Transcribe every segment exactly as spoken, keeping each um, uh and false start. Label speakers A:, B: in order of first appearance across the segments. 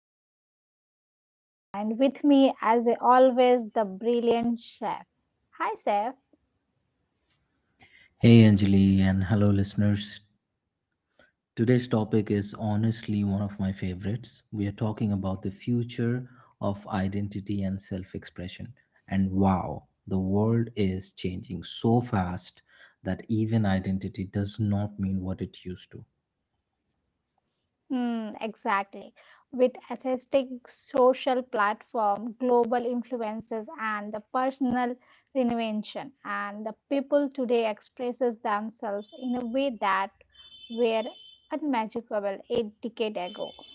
A: host, Anjali, and with me, as always, the brilliant chef. Hi, Chef.
B: Hey Anjali and hello listeners. Today's topic is honestly one of my favorites. We are talking about the future of identity and self expression. And wow, the world is changing so fast that even identity does not mean what it used to.
A: Hmm, exactly. With atheistic social platform, global influences, and the personal reinvention, and the people today expresses themselves in a way that were unimaginable a decade ago.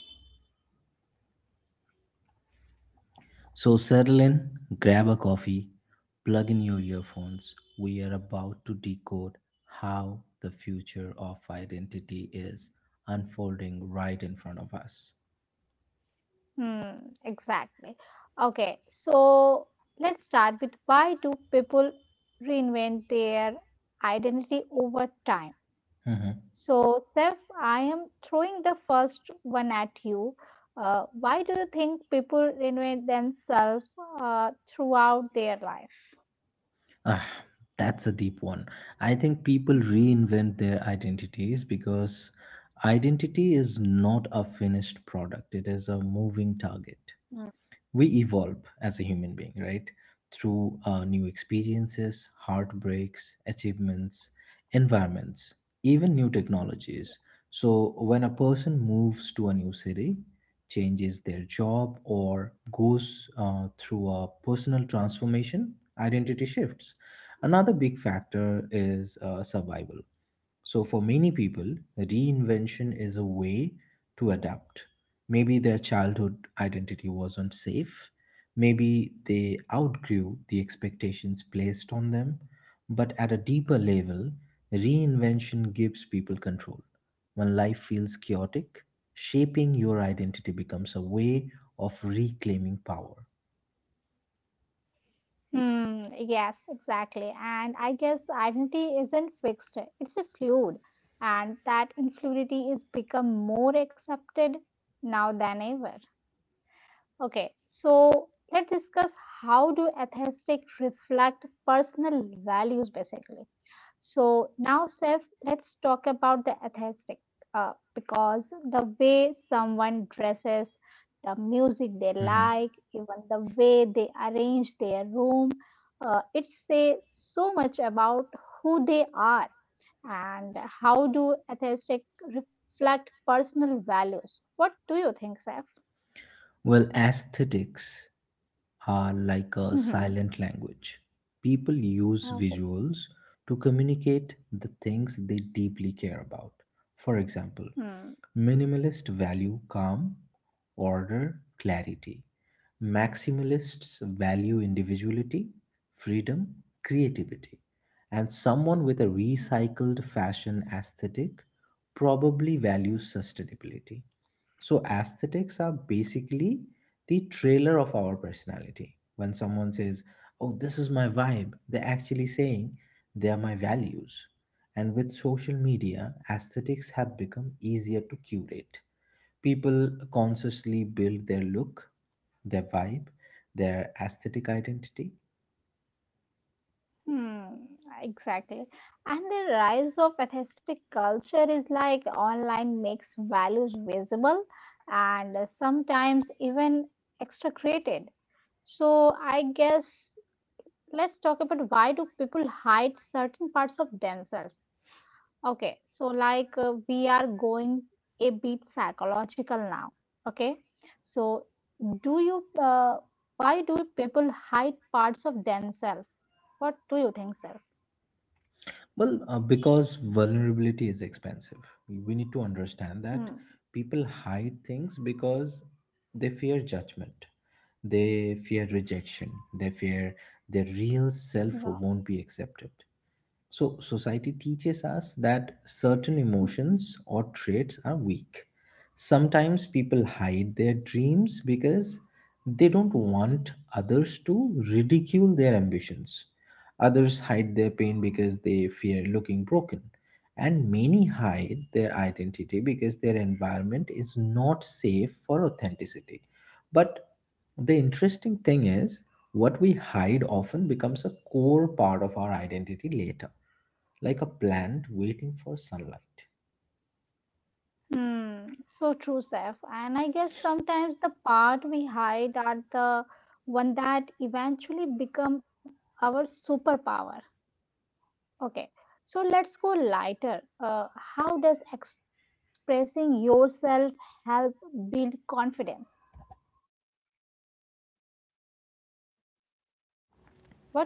B: So settle in, grab a coffee, plug in your earphones. We are about to decode how the future of identity is unfolding right in front of us.
A: Hmm, exactly. Okay, so let's start with why do people reinvent their identity over time?
B: Mm-hmm.
A: So, Seth, I am throwing the first one at you. Uh, why do you think people reinvent themselves uh, throughout their life?
B: Ah, that's a deep one. I think people reinvent their identities because identity is not a finished product, it is a moving target.
A: Mm.
B: We evolve as a human being, right, through uh, new experiences, heartbreaks, achievements, environments, even new technologies. So when a person moves to a new city, changes their job, or goes uh, through a personal transformation, identity shifts. Another big factor is uh, survival. So, for many people, reinvention is a way to adapt. Maybe their childhood identity wasn't safe. Maybe they outgrew the expectations placed on them. But at a deeper level, reinvention gives people control. When life feels chaotic, shaping your identity becomes a way of reclaiming power.
A: Hmm, yes, exactly. And I guess identity isn't fixed, it's a fluid. And that influidity is become more accepted now than ever. Okay, so let's discuss how do aesthetic reflect personal values basically. So now, Seth, let's talk about the aesthetic, uh, because the way someone dresses, the music they
B: Hmm.
A: like, even the way they arrange their room, uh, it says so much about who they are and how do aesthetic reflect personal values. What do you think, Seth?
B: Well, aesthetics are like a
A: hmm
B: silent language. People use
A: Oh,
B: visuals to communicate the things they deeply care about. For example,
A: hmm.
B: minimalists value calm, order, clarity. Maximalists value individuality, freedom, creativity. And someone with a recycled fashion aesthetic probably values sustainability. So aesthetics are basically the trailer of our personality. When someone says, "Oh, this is my vibe," they're actually saying they are my values. And with social media, aesthetics have become easier to curate. People consciously build their look, their vibe, their aesthetic identity.
A: Hmm, exactly. And the rise of atheistic culture is like online makes values visible and uh, sometimes even extracrated. So I guess let's talk about why do people hide certain parts of themselves? Okay, so like uh, we are going a bit psychological now. Okay, so do you uh, why do people hide parts of themselves? What do you think, sir?
B: Well, uh, because vulnerability is expensive. We need to understand
A: Hmm.
B: that people hide things because they fear judgment, they fear rejection, they fear
A: Yeah.
B: their real self won't be accepted. So, society teaches us that
A: Hmm.
B: certain emotions or traits are weak. Sometimes people hide their dreams because they don't want others to ridicule their ambitions. Others hide their pain because they fear looking broken. And many hide their identity because their environment is not safe for authenticity. But the interesting thing is, what we hide often becomes a core part of our identity later, like a plant waiting for sunlight.
A: Hmm. So true, Saif. And I guess sometimes the part we hide are the one that eventually become our superpower. Okay. So let's go lighter. Uh, how does expressing yourself help build confidence?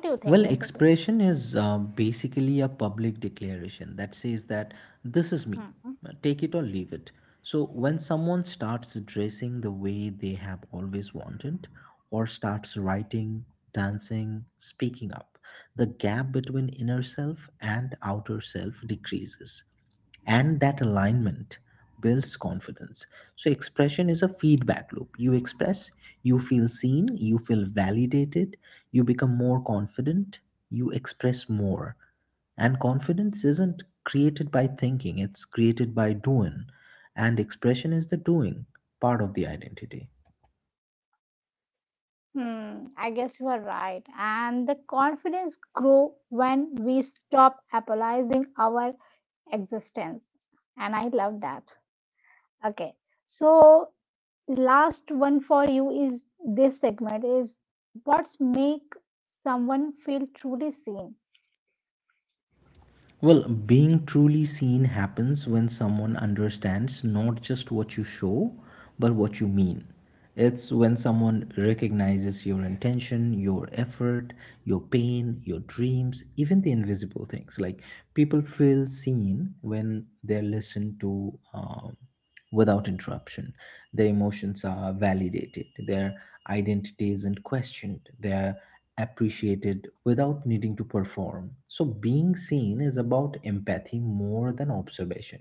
A: What do you
B: Well,
A: think, basically?
B: expression is uh, basically a public declaration that says that this is me,
A: Hmm.
B: take it or leave it. So, when someone starts dressing the way they have always wanted, or starts writing, dancing, speaking up, the gap between inner self and outer self decreases. And that alignment builds confidence. So, expression is a feedback loop. You express, you feel seen, you feel validated, you become more confident, you express more. And confidence isn't created by thinking, it's created by doing. And expression is the doing part of the identity.
A: Hmm. I guess you are right. And the confidence grow when we stop apologizing our existence. And I love that. Okay. So last one for you is this segment is what's make someone feel truly seen.
B: Well, being truly seen happens when someone understands not just what you show, but what you mean. It's when someone recognizes your intention, your effort, your pain, your dreams, even the invisible things. Like people feel seen when they're listened to um, without interruption. Their emotions are validated, their identity isn't questioned, their appreciated without needing to perform. So, being seen is about empathy more than observation.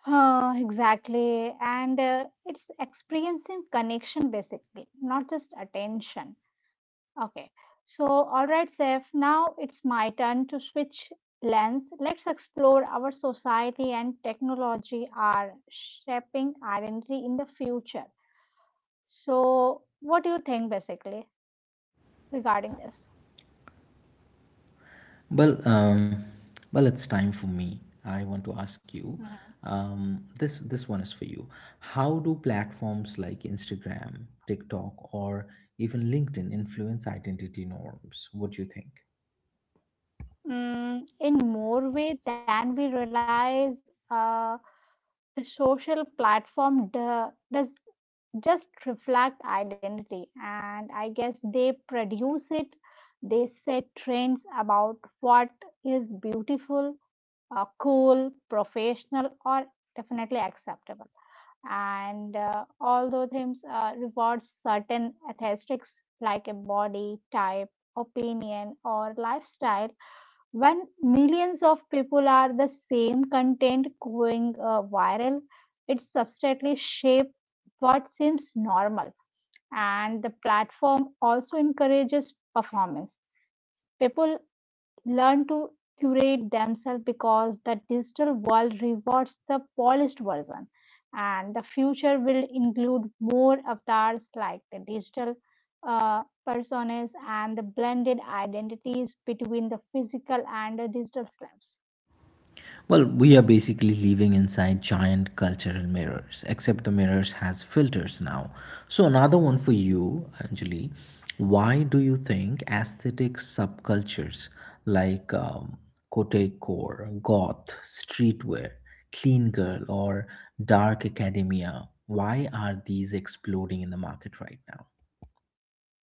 A: Huh, exactly. And uh, it's experiencing connection basically, not just attention. Okay. So, all right, Seth, now it's my turn to switch lens. Let's explore our society and technology are shaping identity in the future. So, what do you think basically? Regarding this.
B: Well, um, well, it's time for me. I want to ask you.
A: Mm-hmm.
B: Um, this this one is for you. How do platforms like Instagram, TikTok, or even LinkedIn influence identity norms? What do you think?
A: Mm, in more way than we realize, uh, the social platform do- does just reflect identity, and I guess they produce it. They set trends about what is beautiful, uh, cool, professional, or definitely acceptable. And uh, although themes uh, rewards certain aesthetics like a body type opinion or lifestyle when millions of people are the same content going uh, viral, it substantially shape what seems normal. And the platform also encourages performance. People learn to curate themselves because the digital world rewards the polished version. And the future will include more avatars like the digital uh, personas and the blended identities between the physical and the digital slabs.
B: Well, we are basically living inside giant cultural mirrors, except the mirrors has filters now. So another one for you, Anjali. Why do you think aesthetic subcultures like um, Kotecore, goth, streetwear, clean girl, or dark academia, why are these exploding in the market right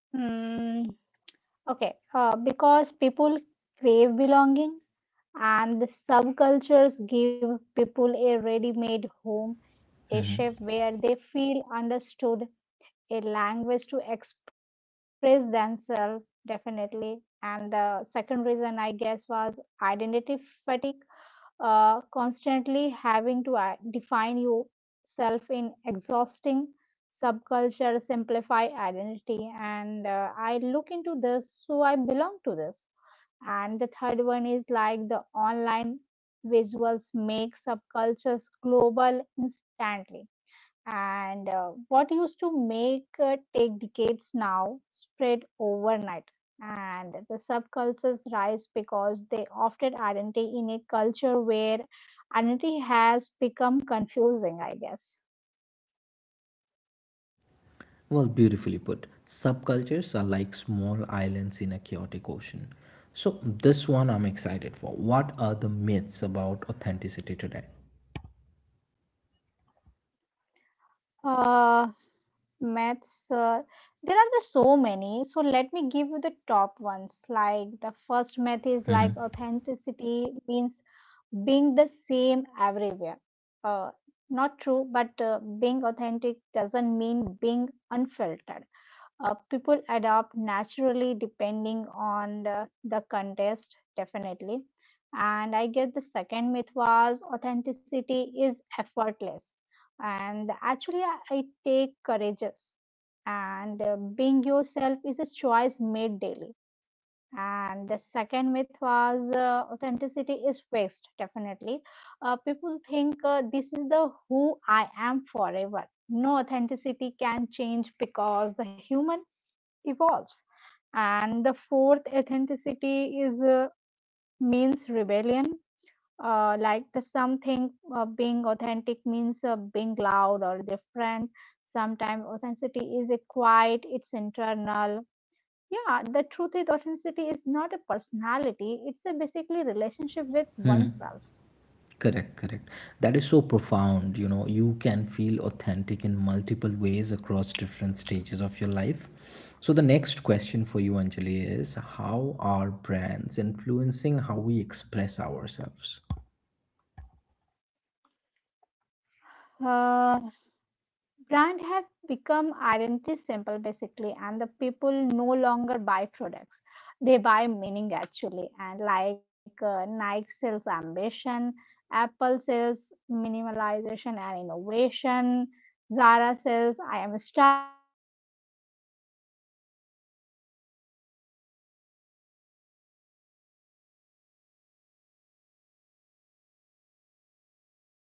A: Hmm. Okay, uh, because people crave belonging and the subcultures give people a ready made home, a
B: now?
A: shape where they feel understood, a language to express themselves definitely. And the second reason I guess was identity fatigue. Uh, constantly having to i- define yourself in exhausting subculture simplify identity. And uh, I look into this so I belong to this. And the third one is like the online visuals make subcultures global instantly. And uh, what used to make uh, take decades now spread overnight. And the subcultures rise because they often identity in a culture where identity has become confusing, I guess.
B: Well, beautifully put. Subcultures are like small islands in a chaotic ocean. So, this one I'm excited for. What are the myths about authenticity today?
A: Uh, myths, uh, there are the so many. So let me give you the top ones. Like the first myth is like
B: Mm-hmm.
A: authenticity means being the same everywhere. Uh, Not true, but uh, being authentic doesn't mean being unfiltered. Uh, people adapt naturally depending on the, the context, definitely. And I guess the second myth was authenticity is effortless. And actually, I I take courageous. And uh, being yourself is a choice made daily. And the second myth was uh, authenticity is fixed, definitely. Uh, people think uh, this is the who I am forever. No, authenticity can change because the human evolves. And the fourth, authenticity is uh, means rebellion. Uh, like the something uh, being authentic means uh, being loud or different. Sometimes authenticity is a quiet, it's internal. Yeah, the truth is authenticity is not a personality, it's a basically relationship with
B: Hmm.
A: oneself.
B: Correct, correct. That is so profound. You know, you can feel authentic in multiple ways across different stages of your life. So, the next question for you, Anjali, is how are brands influencing how we express ourselves?
A: Uh, Brand have become identity simple basically, and the people no longer buy products. They buy meaning actually, and like uh, Nike sells ambition, Apple sells minimalization and innovation, Zara sells I am stylish, put practical, and of course the Starbucks sells lifestyle and the belonging. And the brand shape identity by giving people ready-made narratives.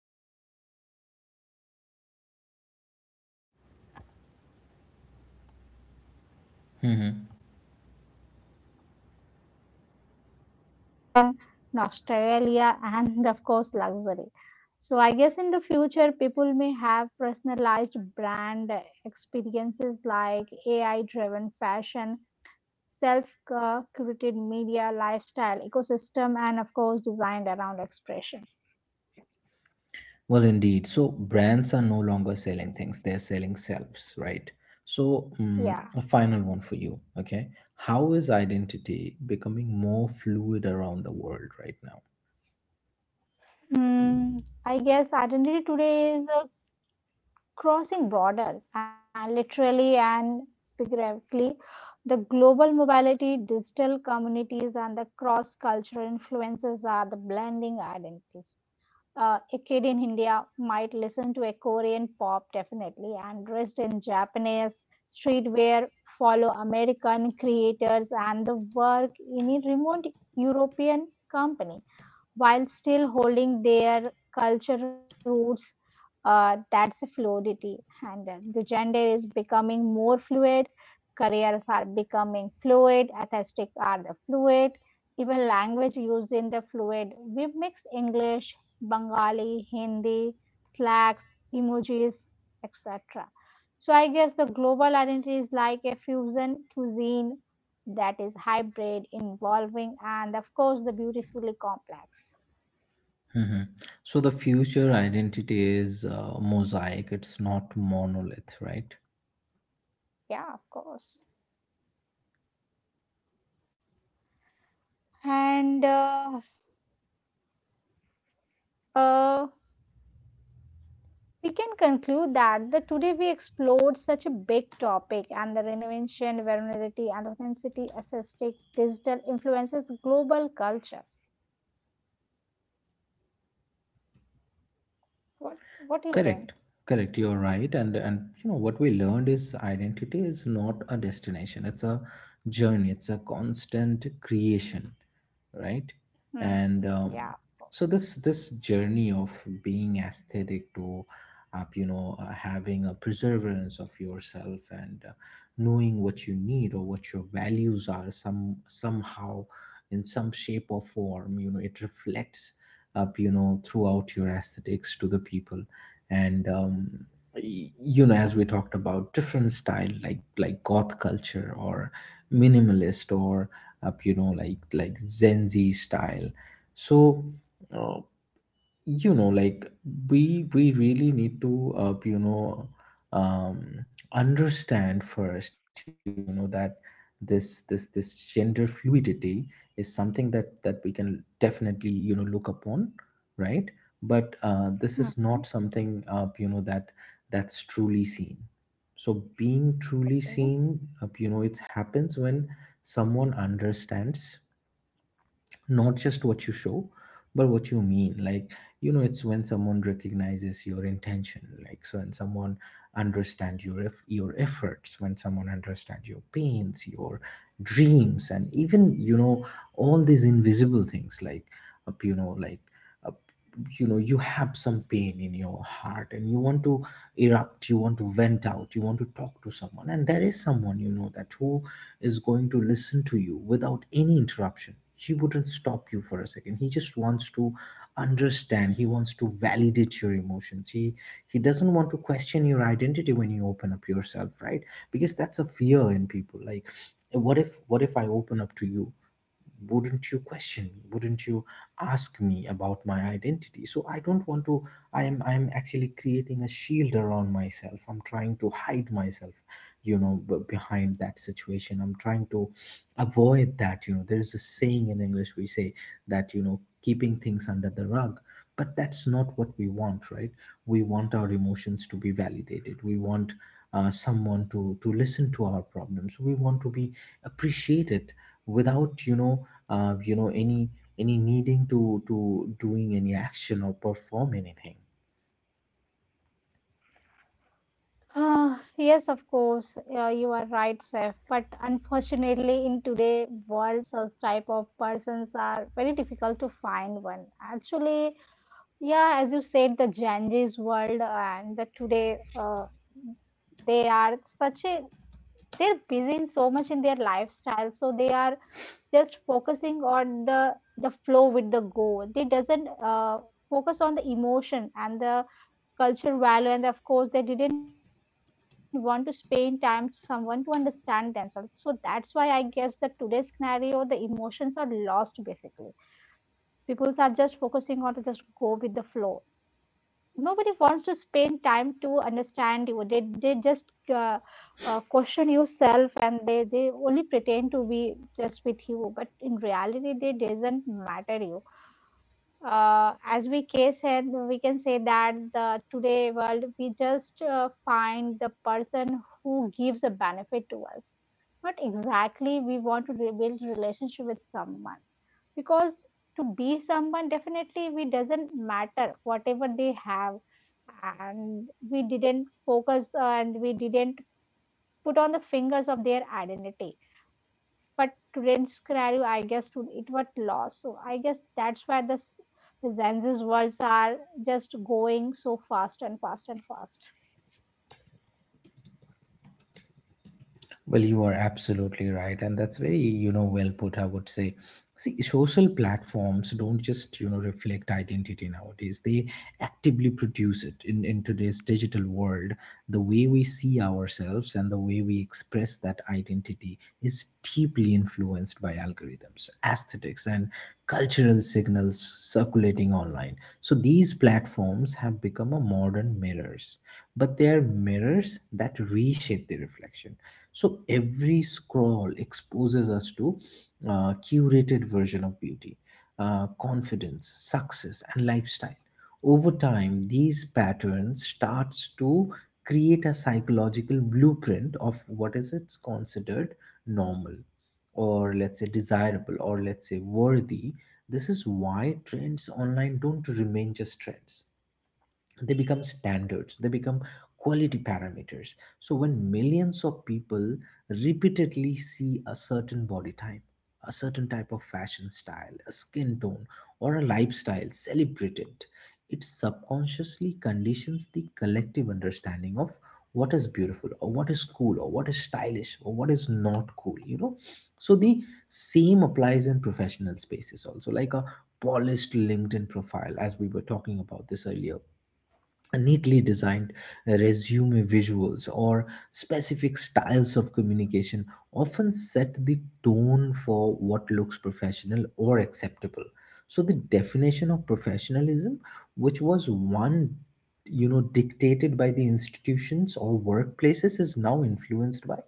A: So I guess today's consumers chooses brand that reflect their values, sustainability,
B: Mm-hmm.
A: uh, inclusivity, tech forwardness, tradition, nostalgia, and of course, luxury. So, I guess in the future, people may have personalized brand experiences like A I driven fashion, self curated media, lifestyle, ecosystem, and of course, designed around expression.
B: Well, indeed. So brands are no longer selling things, they're selling selves, right? So, um,
A: Yeah.
B: a final one for you, okay? How is identity becoming more fluid around the world right now?
A: Hmm. I guess identity today is uh, crossing borders and literally and figuratively, the global mobility, digital communities, and the cross cultural influences are the blending identities. Uh, a kid in India might listen to a Korean pop definitely and dressed in Japanese streetwear, follow American creators, and the work in a remote European company while still holding their culture roots. Uh, that's a fluidity, and uh, the gender is becoming more fluid. Careers are becoming fluid. Aesthetics are the fluid. Even language used in the fluid. We mix English, Bengali, Hindi, slacks, emojis, et cetera. So I guess the global identity is like a fusion cuisine that is hybrid, involving, and of course, the beautifully complex.
B: Hmm. So, the future identity is uh, mosaic, it's not monolith, right?
A: Yeah, of course. And uh, uh, we can conclude that the today we explored such a big topic and the reinvention, vulnerability, and authenticity, assistic, digital influences, global culture. What What do you
B: Correct.
A: think?
B: Correct, you're right. And and you know what we learned is identity is not a destination. It's a journey. It's a constant creation. Right.
A: Hmm.
B: and um,
A: Yeah, of
B: So
A: course.
B: this this journey of being aesthetic to up, you know, uh, having a perseverance of yourself and uh, knowing what you need or what your values are, some somehow in some shape or form, you know, it reflects up, you know, throughout your aesthetics to the people. And um, y- You know, as we talked about different style, like like goth culture or minimalist, or up, you know, like like zenzi style. So uh, you know, like we we really need to uh, you know, um understand first, you know, that this this this gender fluidity is something that that we can definitely, you know, look upon, right? But uh, this is not
A: Mhm.
B: something, uh, you know, that that's truly seen. So being truly seen,
A: Okay.
B: uh, you know, it happens when someone understands, not just what you show, but what you mean. Like, you know, it's when someone recognizes your intention, like so when someone understands your eff- your efforts, when someone understands your pains, your dreams, and even, you know, all these invisible things, like up, you know, like up, you know, you have some pain in your heart, and you want to erupt, you want to vent out, you want to talk to someone, and there is someone, you know, that who is going to listen to you without any interruption. He wouldn't stop you for a second. He just wants to understand. He wants to validate your emotions. He he doesn't want to question your identity when you open up yourself, right? Because that's a fear in people. Like, what if what if I open up to you? Wouldn't you question me, wouldn't you ask me about my identity? So I don't want to. i am I am actually creating a shield around myself. I'm trying to hide myself, you know, b- behind that situation. I'm trying to avoid that, you know. There's a saying in English we say that, you know, keeping things under the rug. But that's not what we want, right? We want our emotions to be validated. We want uh, someone to to listen to our problems. We want to be appreciated without, you know, uh, you know, any any needing to to doing any action or perform anything.
A: Ah, yes, of course, uh, you are right, Saif. But unfortunately, in today world, such type of persons are very difficult to find one. Actually, yeah, as you said, the Gen world and the today uh, they are such a they're busy in so much in their lifestyle, so they are just focusing on the the flow with the go. They doesn't uh, focus on the emotion and the culture value, and of course, they didn't want to spend time to someone to understand themselves. So that's why I guess that today's scenario, the emotions are lost basically. People are just focusing on to just go with the flow. Nobody wants to spend time to understand you. They, they just uh, uh, question yourself, and they, they only pretend to be just with you, but in reality they doesn't matter you. Uh, as we can said, we can say that the today world we just uh, find the person who gives a benefit to us, not exactly we want to rebuild relationship with someone, because to be someone definitely we doesn't matter whatever they have, and we didn't focus uh, and we didn't put on the fingers of their identity. But today's scenario I guess to it was lost. So I guess that's why the s- the zenzi's worlds are just going so fast and fast and fast.
B: Well, you are absolutely right, and that's very, you know, well put, I would say. See, social platforms don't just, you know, reflect identity nowadays. They actively produce it in, in today's digital world. The way we see ourselves and the way we express that identity is deeply influenced by algorithms, aesthetics, and cultural signals circulating online. So these platforms have become a modern mirrors, but they are mirrors that reshape the reflection. So every scroll exposes us to a curated version of beauty, uh, confidence, success, and lifestyle. Over time, these patterns starts to create a psychological blueprint of what is it's considered normal, or let's say desirable, or let's say worthy. This is why trends online don't remain just trends. They become standards, they become quality parameters. So when millions of people repeatedly see a certain body type, a certain type of fashion style, a skin tone, or a lifestyle celebrated, it subconsciously conditions the collective understanding of what is beautiful, or what is cool, or what is stylish, or what is not cool, you know. So the same applies in professional spaces also, like a polished LinkedIn profile, as we were talking about this earlier. Neatly designed resume visuals, or specific styles of communication, often set the tone for what looks professional or acceptable. So the definition of professionalism, which was one, you know, dictated by the institutions or workplaces, is now influenced by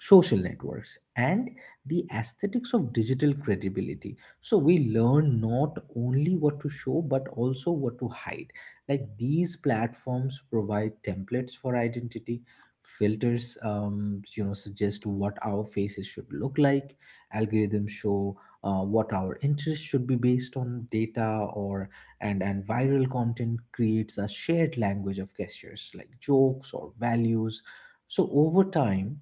B: social networks and the aesthetics of digital credibility. So we learn not only what to show, but also what to hide. Like, these platforms provide templates for identity. Filters, um, you know, suggest what our faces should look like. Algorithms show uh, what our interests should be based on data. Or and and viral content creates a shared language of gestures like jokes or values. So over time,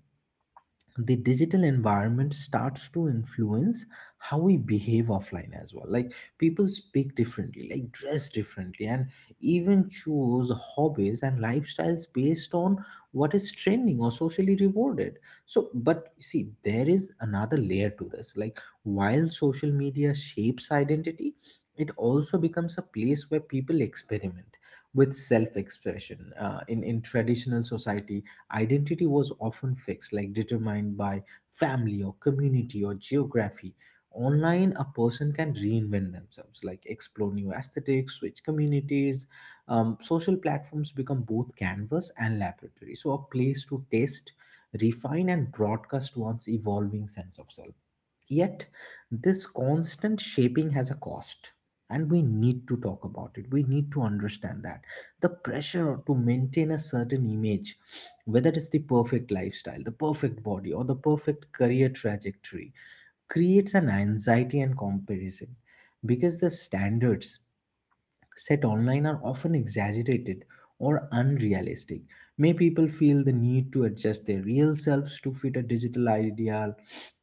B: the digital environment starts to influence how we behave offline as well. Like, people speak differently, like dress differently, and even choose hobbies and lifestyles based on what is trending or socially rewarded. So but see, there is another layer to this. Like, while social media shapes identity, it also becomes a place where people experiment with self-expression, uh, in in traditional society, identity was often fixed, like determined by family or community or geography. Online, a person can reinvent themselves, like explore new aesthetics, switch communities. Um, social platforms become both canvas and laboratory, so a place to test, refine, and broadcast one's evolving sense of self. Yet, this constant shaping has a cost, and we need to talk about it. We need to understand that the pressure to maintain a certain image, whether it's the perfect lifestyle, the perfect body, or the perfect career trajectory, creates an anxiety and comparison because the standards set online are often exaggerated or unrealistic. May people feel the need to adjust their real selves to fit a digital ideal,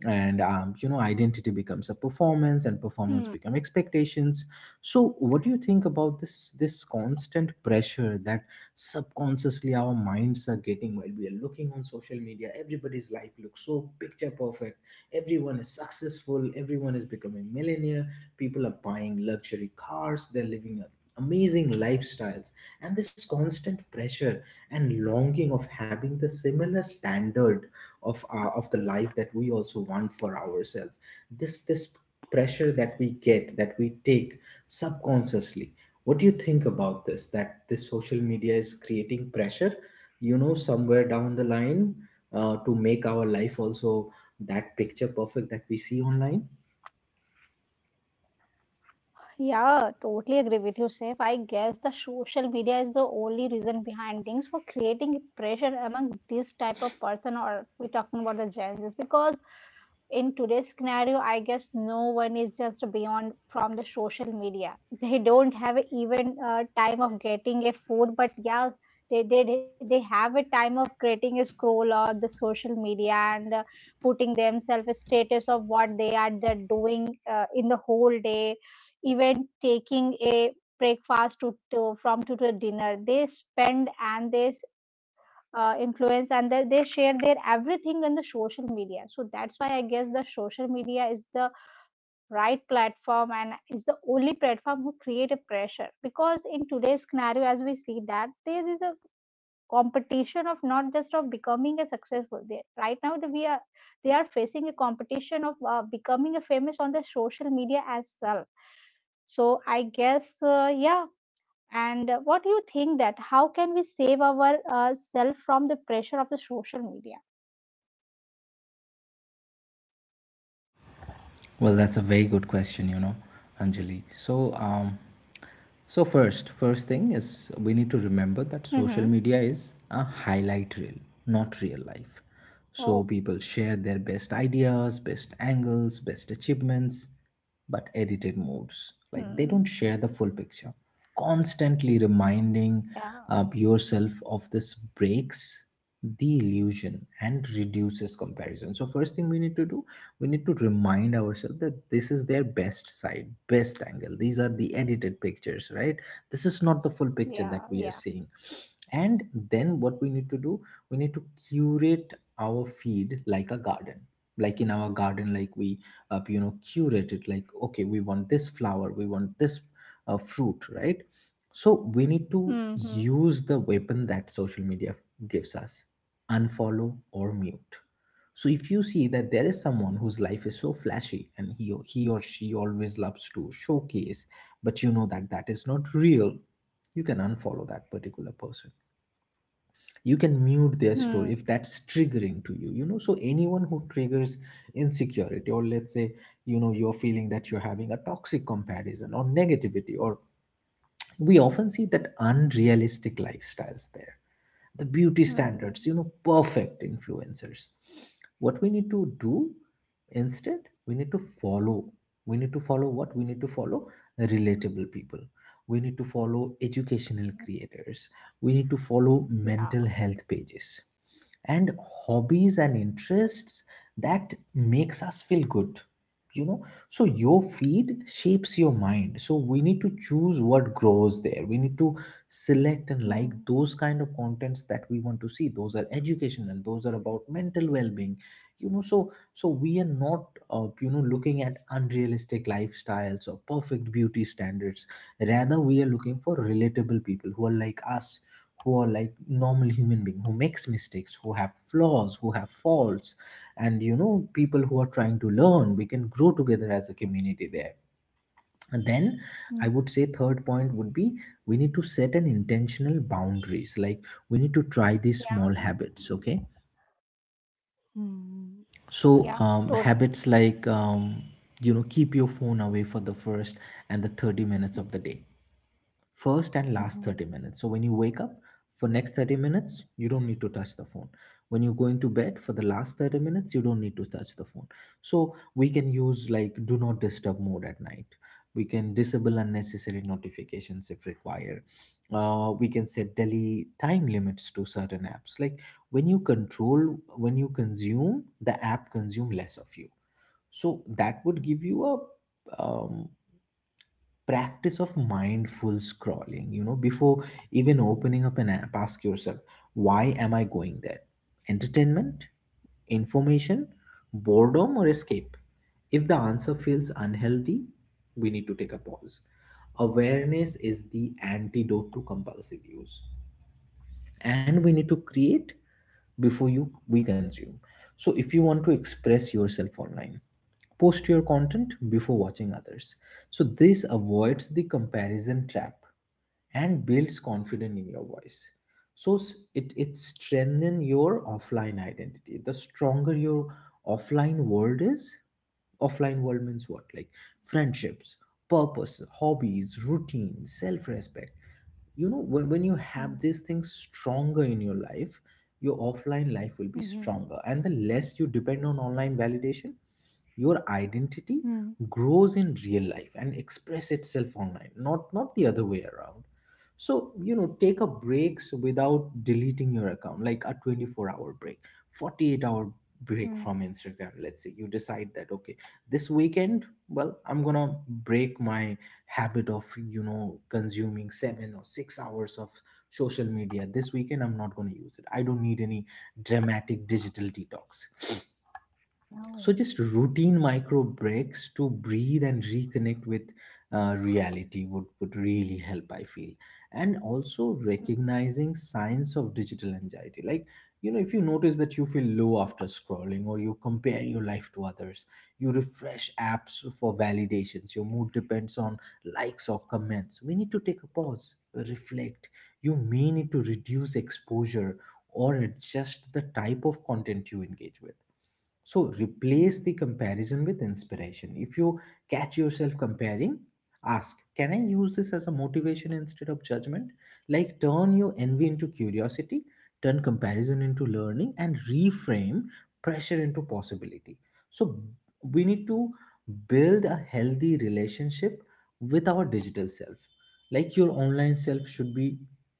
B: and um, you know, identity becomes a performance and performance become
A: Hmm.
B: expectations. So what do you think about this this constant pressure that subconsciously our minds are getting while we are looking on social media? Everybody's life looks so picture perfect, everyone is successful, everyone is becoming millionaire, people are buying luxury cars, they're living a amazing lifestyles, and this constant pressure and longing of having the similar standard of uh, of the life that we also want for ourselves, this this pressure that we get, that we take subconsciously. What do you think about this, that this social media is creating pressure, you know, somewhere down the line, uh, to make our life also that picture perfect that we see online?
A: Yeah, totally agree with you, Sif. I guess the social media is the only reason behind things for creating pressure among this type of person or we're talking about the Gen Zs, because in today's scenario, I guess no one is just beyond from the social media. They don't have even uh, time of getting a food, but yeah, they, they they have a time of creating a scroll or the social media, and uh, putting themselves a status of what they are the doing uh, in the whole day, even taking a breakfast to, to from to, to dinner. They spend and they uh, influence, and they, they share their everything in the social media. So that's why I guess the social media is the right platform and is the only platform who create a pressure, because in today's scenario as we see that there is a competition of not just of becoming a successful. They, right now the, we are they are facing a competition of uh, becoming a famous on the social media as well. So I guess uh, yeah. And uh, what do you think that how can we save our uh, self from the pressure of the social media?
B: Well, that's a very good question, you know, Anjali. So, um, so first, first thing is we need to remember that
A: Mm-hmm.
B: social media is a highlight reel, not real life.
A: Oh,
B: So people share their best ideas, best angles, best achievements, but edited modes.
A: mm,
B: Like they don't share the full picture. Constantly reminding
A: yeah,
B: uh, yourself of this breaks the illusion and reduces comparison. So first thing we need to do, we need to remind ourselves that this is their best side, best angle, these are the edited pictures, right? This is not the full
A: yeah,
B: picture that
A: yeah.
B: we are seeing. And then what we need to do, we need to curate our feed like a garden, like in our garden, like we, uh, you know, curate it like, okay, we want this flower, we want this, uh, fruit, right? So we need to
A: Mm-hmm.
B: use the weapon that social media gives us: unfollow or mute. So if you see that there is someone whose life is so flashy and he he or she always loves to showcase, but you know that that is not real, you can unfollow that particular person. You can mute their
A: Mm,
B: story if that's triggering to you. You know, so anyone who triggers insecurity, or let's say, you know, you're feeling that you're having a toxic comparison or negativity, or we often see that unrealistic lifestyles there, the beauty
A: mm,
B: standards, you know, perfect influencers. What we need to do instead, we need to follow, we need to follow, what we need to follow: relatable people, we need to follow educational creators, we need to follow
A: yeah.
B: mental health pages and hobbies and interests that makes us feel good, you know. So your feed shapes your mind, so we need to choose what grows there. We need to select and like
A: Mm,
B: those kind of contents that we want to see, those are educational, those are about mental well-being, you know. So so we are not, uh, you know, looking at unrealistic lifestyles or perfect beauty standards, rather we are looking for relatable people who are like us, who are like normal human being, who makes mistakes, who have flaws, who have faults, and you know, people who are trying to learn. We can grow together as a community there. And then,
A: mm,
B: I would say third point would be, we need to set an intentional boundaries. Like, we need to try these
A: yeah,
B: small habits. Okay,
A: Mm-hmm.
B: so
A: Yeah,
B: um,
A: totally.
B: habits like, um, you know, keep your phone away for the first and the thirty minutes of the day, first and last
A: Mm-hmm.
B: thirty minutes. So when you wake up, for next thirty minutes you don't need to touch the phone. When you're going to bed, for the last thirty minutes you don't need to touch the phone. So we can use like do not disturb mode at night, we can disable unnecessary notifications if required, uh, we can set daily time limits to certain apps. Like when you control when you consume the app, consume less of you. So that would
A: Mm,
B: give you a, um, practice of mindful scrolling. You know, before even opening up an app, ask yourself, why am I going there? Entertainment, information, boredom, or escape? If the answer feels unhealthy, we need to take a pause. Awareness is the antidote to compulsive use. And we need to
A: Hmm.
B: create before you we consume. So if you want to express yourself online, post your content before watching others. So this avoids the comparison trap and builds confidence in your voice. So s- it it strengthens your offline identity. The stronger your offline world is, offline world means what? Like friendships, purpose, hobbies, routine, self-respect. You know, when, when you have these things stronger in your life, your offline life will be stronger. And the less you depend on online validation, your
A: Mm, Mm-hmm.
B: identity
A: Mm,
B: grows in real life and express itself online, not not the other way around. So you know, take a breaks without deleting your account, like a twenty-four hour break, forty-eight hour
A: mm,
B: break from instagram. Let's say you decide that, okay, this weekend, well, I'm gonna break my habit of, you know, consuming seven or six hours of social media. This weekend I'm not gonna use it. I don't need any dramatic digital detox.
A: no.
B: So just routine micro breaks to breathe and reconnect with uh, reality would, would really help, I feel. And also
A: Mm,
B: recognizing signs of digital anxiety, like, you know, if you notice that you feel low after scrolling, or you compare your life to others, you refresh apps for validations, your mood depends on likes or comments, we need to take a pause, reflect. You may need to reduce exposure or adjust the type of content you engage with. So replace the
A: Mm-hmm.
B: comparison with inspiration. If you catch yourself comparing, ask, can I use this as a motivation instead of judgment? Like turn your envy into curiosity, turn comparison into learning, and reframe pressure into possibility. So we need to build a healthy relationship with our digital self. Like your online self should be,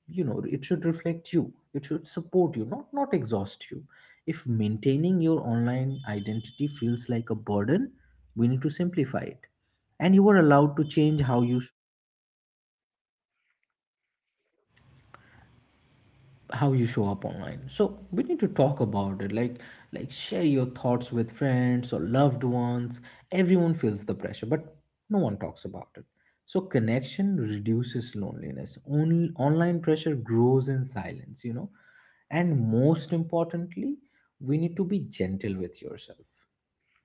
B: you know, it should reflect you. It should support you, not not exhaust you. If maintaining your online identity feels like a burden, we need to simplify it. And you are allowed to change how you how you show up online. So we need to talk about it. Like, like share your thoughts with friends or loved ones. Everyone feels the pressure, but no one talks about it. So connection reduces loneliness. Only online pressure grows in silence, you know. And most importantly, we need to be gentle with yourself.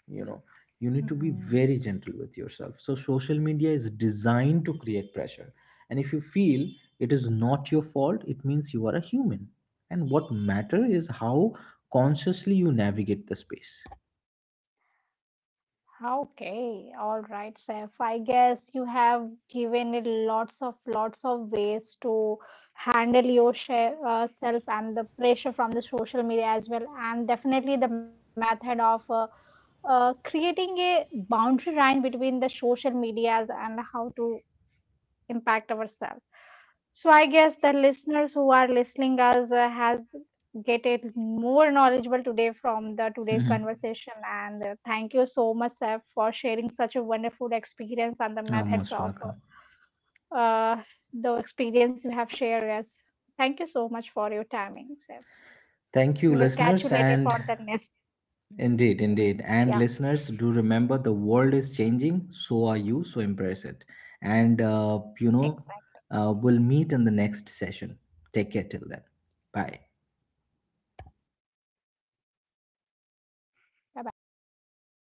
B: You know, you need to be
A: Mm.
B: very gentle with yourself. So social media is designed to create pressure, and if you feel, it is not your fault, it means you are a human. And what matter
A: Hmm.
B: is how consciously you navigate the space.
A: Ah, okay, all right, Saif. I guess you have given it lots of lots of ways to handle your share, uh, self and the pressure from the social media as well, and definitely the method of uh, uh, creating a boundary line between the social medias and how to impact ourselves. So I guess the listeners who are listening us uh, has get it more knowledgeable today from the today's
B: Mhm.
A: conversation. And uh, thank you so much, Seth, for sharing such a wonderful experience and the
B: You're
A: methods
B: most
A: of
B: welcome.
A: uh, the experience you have shared us. Thank you so much for your timing, Seth.
B: Thank
A: We
B: you,
A: will catch you
B: listeners.
A: later
B: And
A: for the next brief. Yeah,
B: indeed, indeed, and listeners, do remember, the world is changing, so are you, so embrace it. And, uh, you
A: exactly.
B: know, uh, we'll meet in the next session. Take care till then. Bye.
A: Bye bye.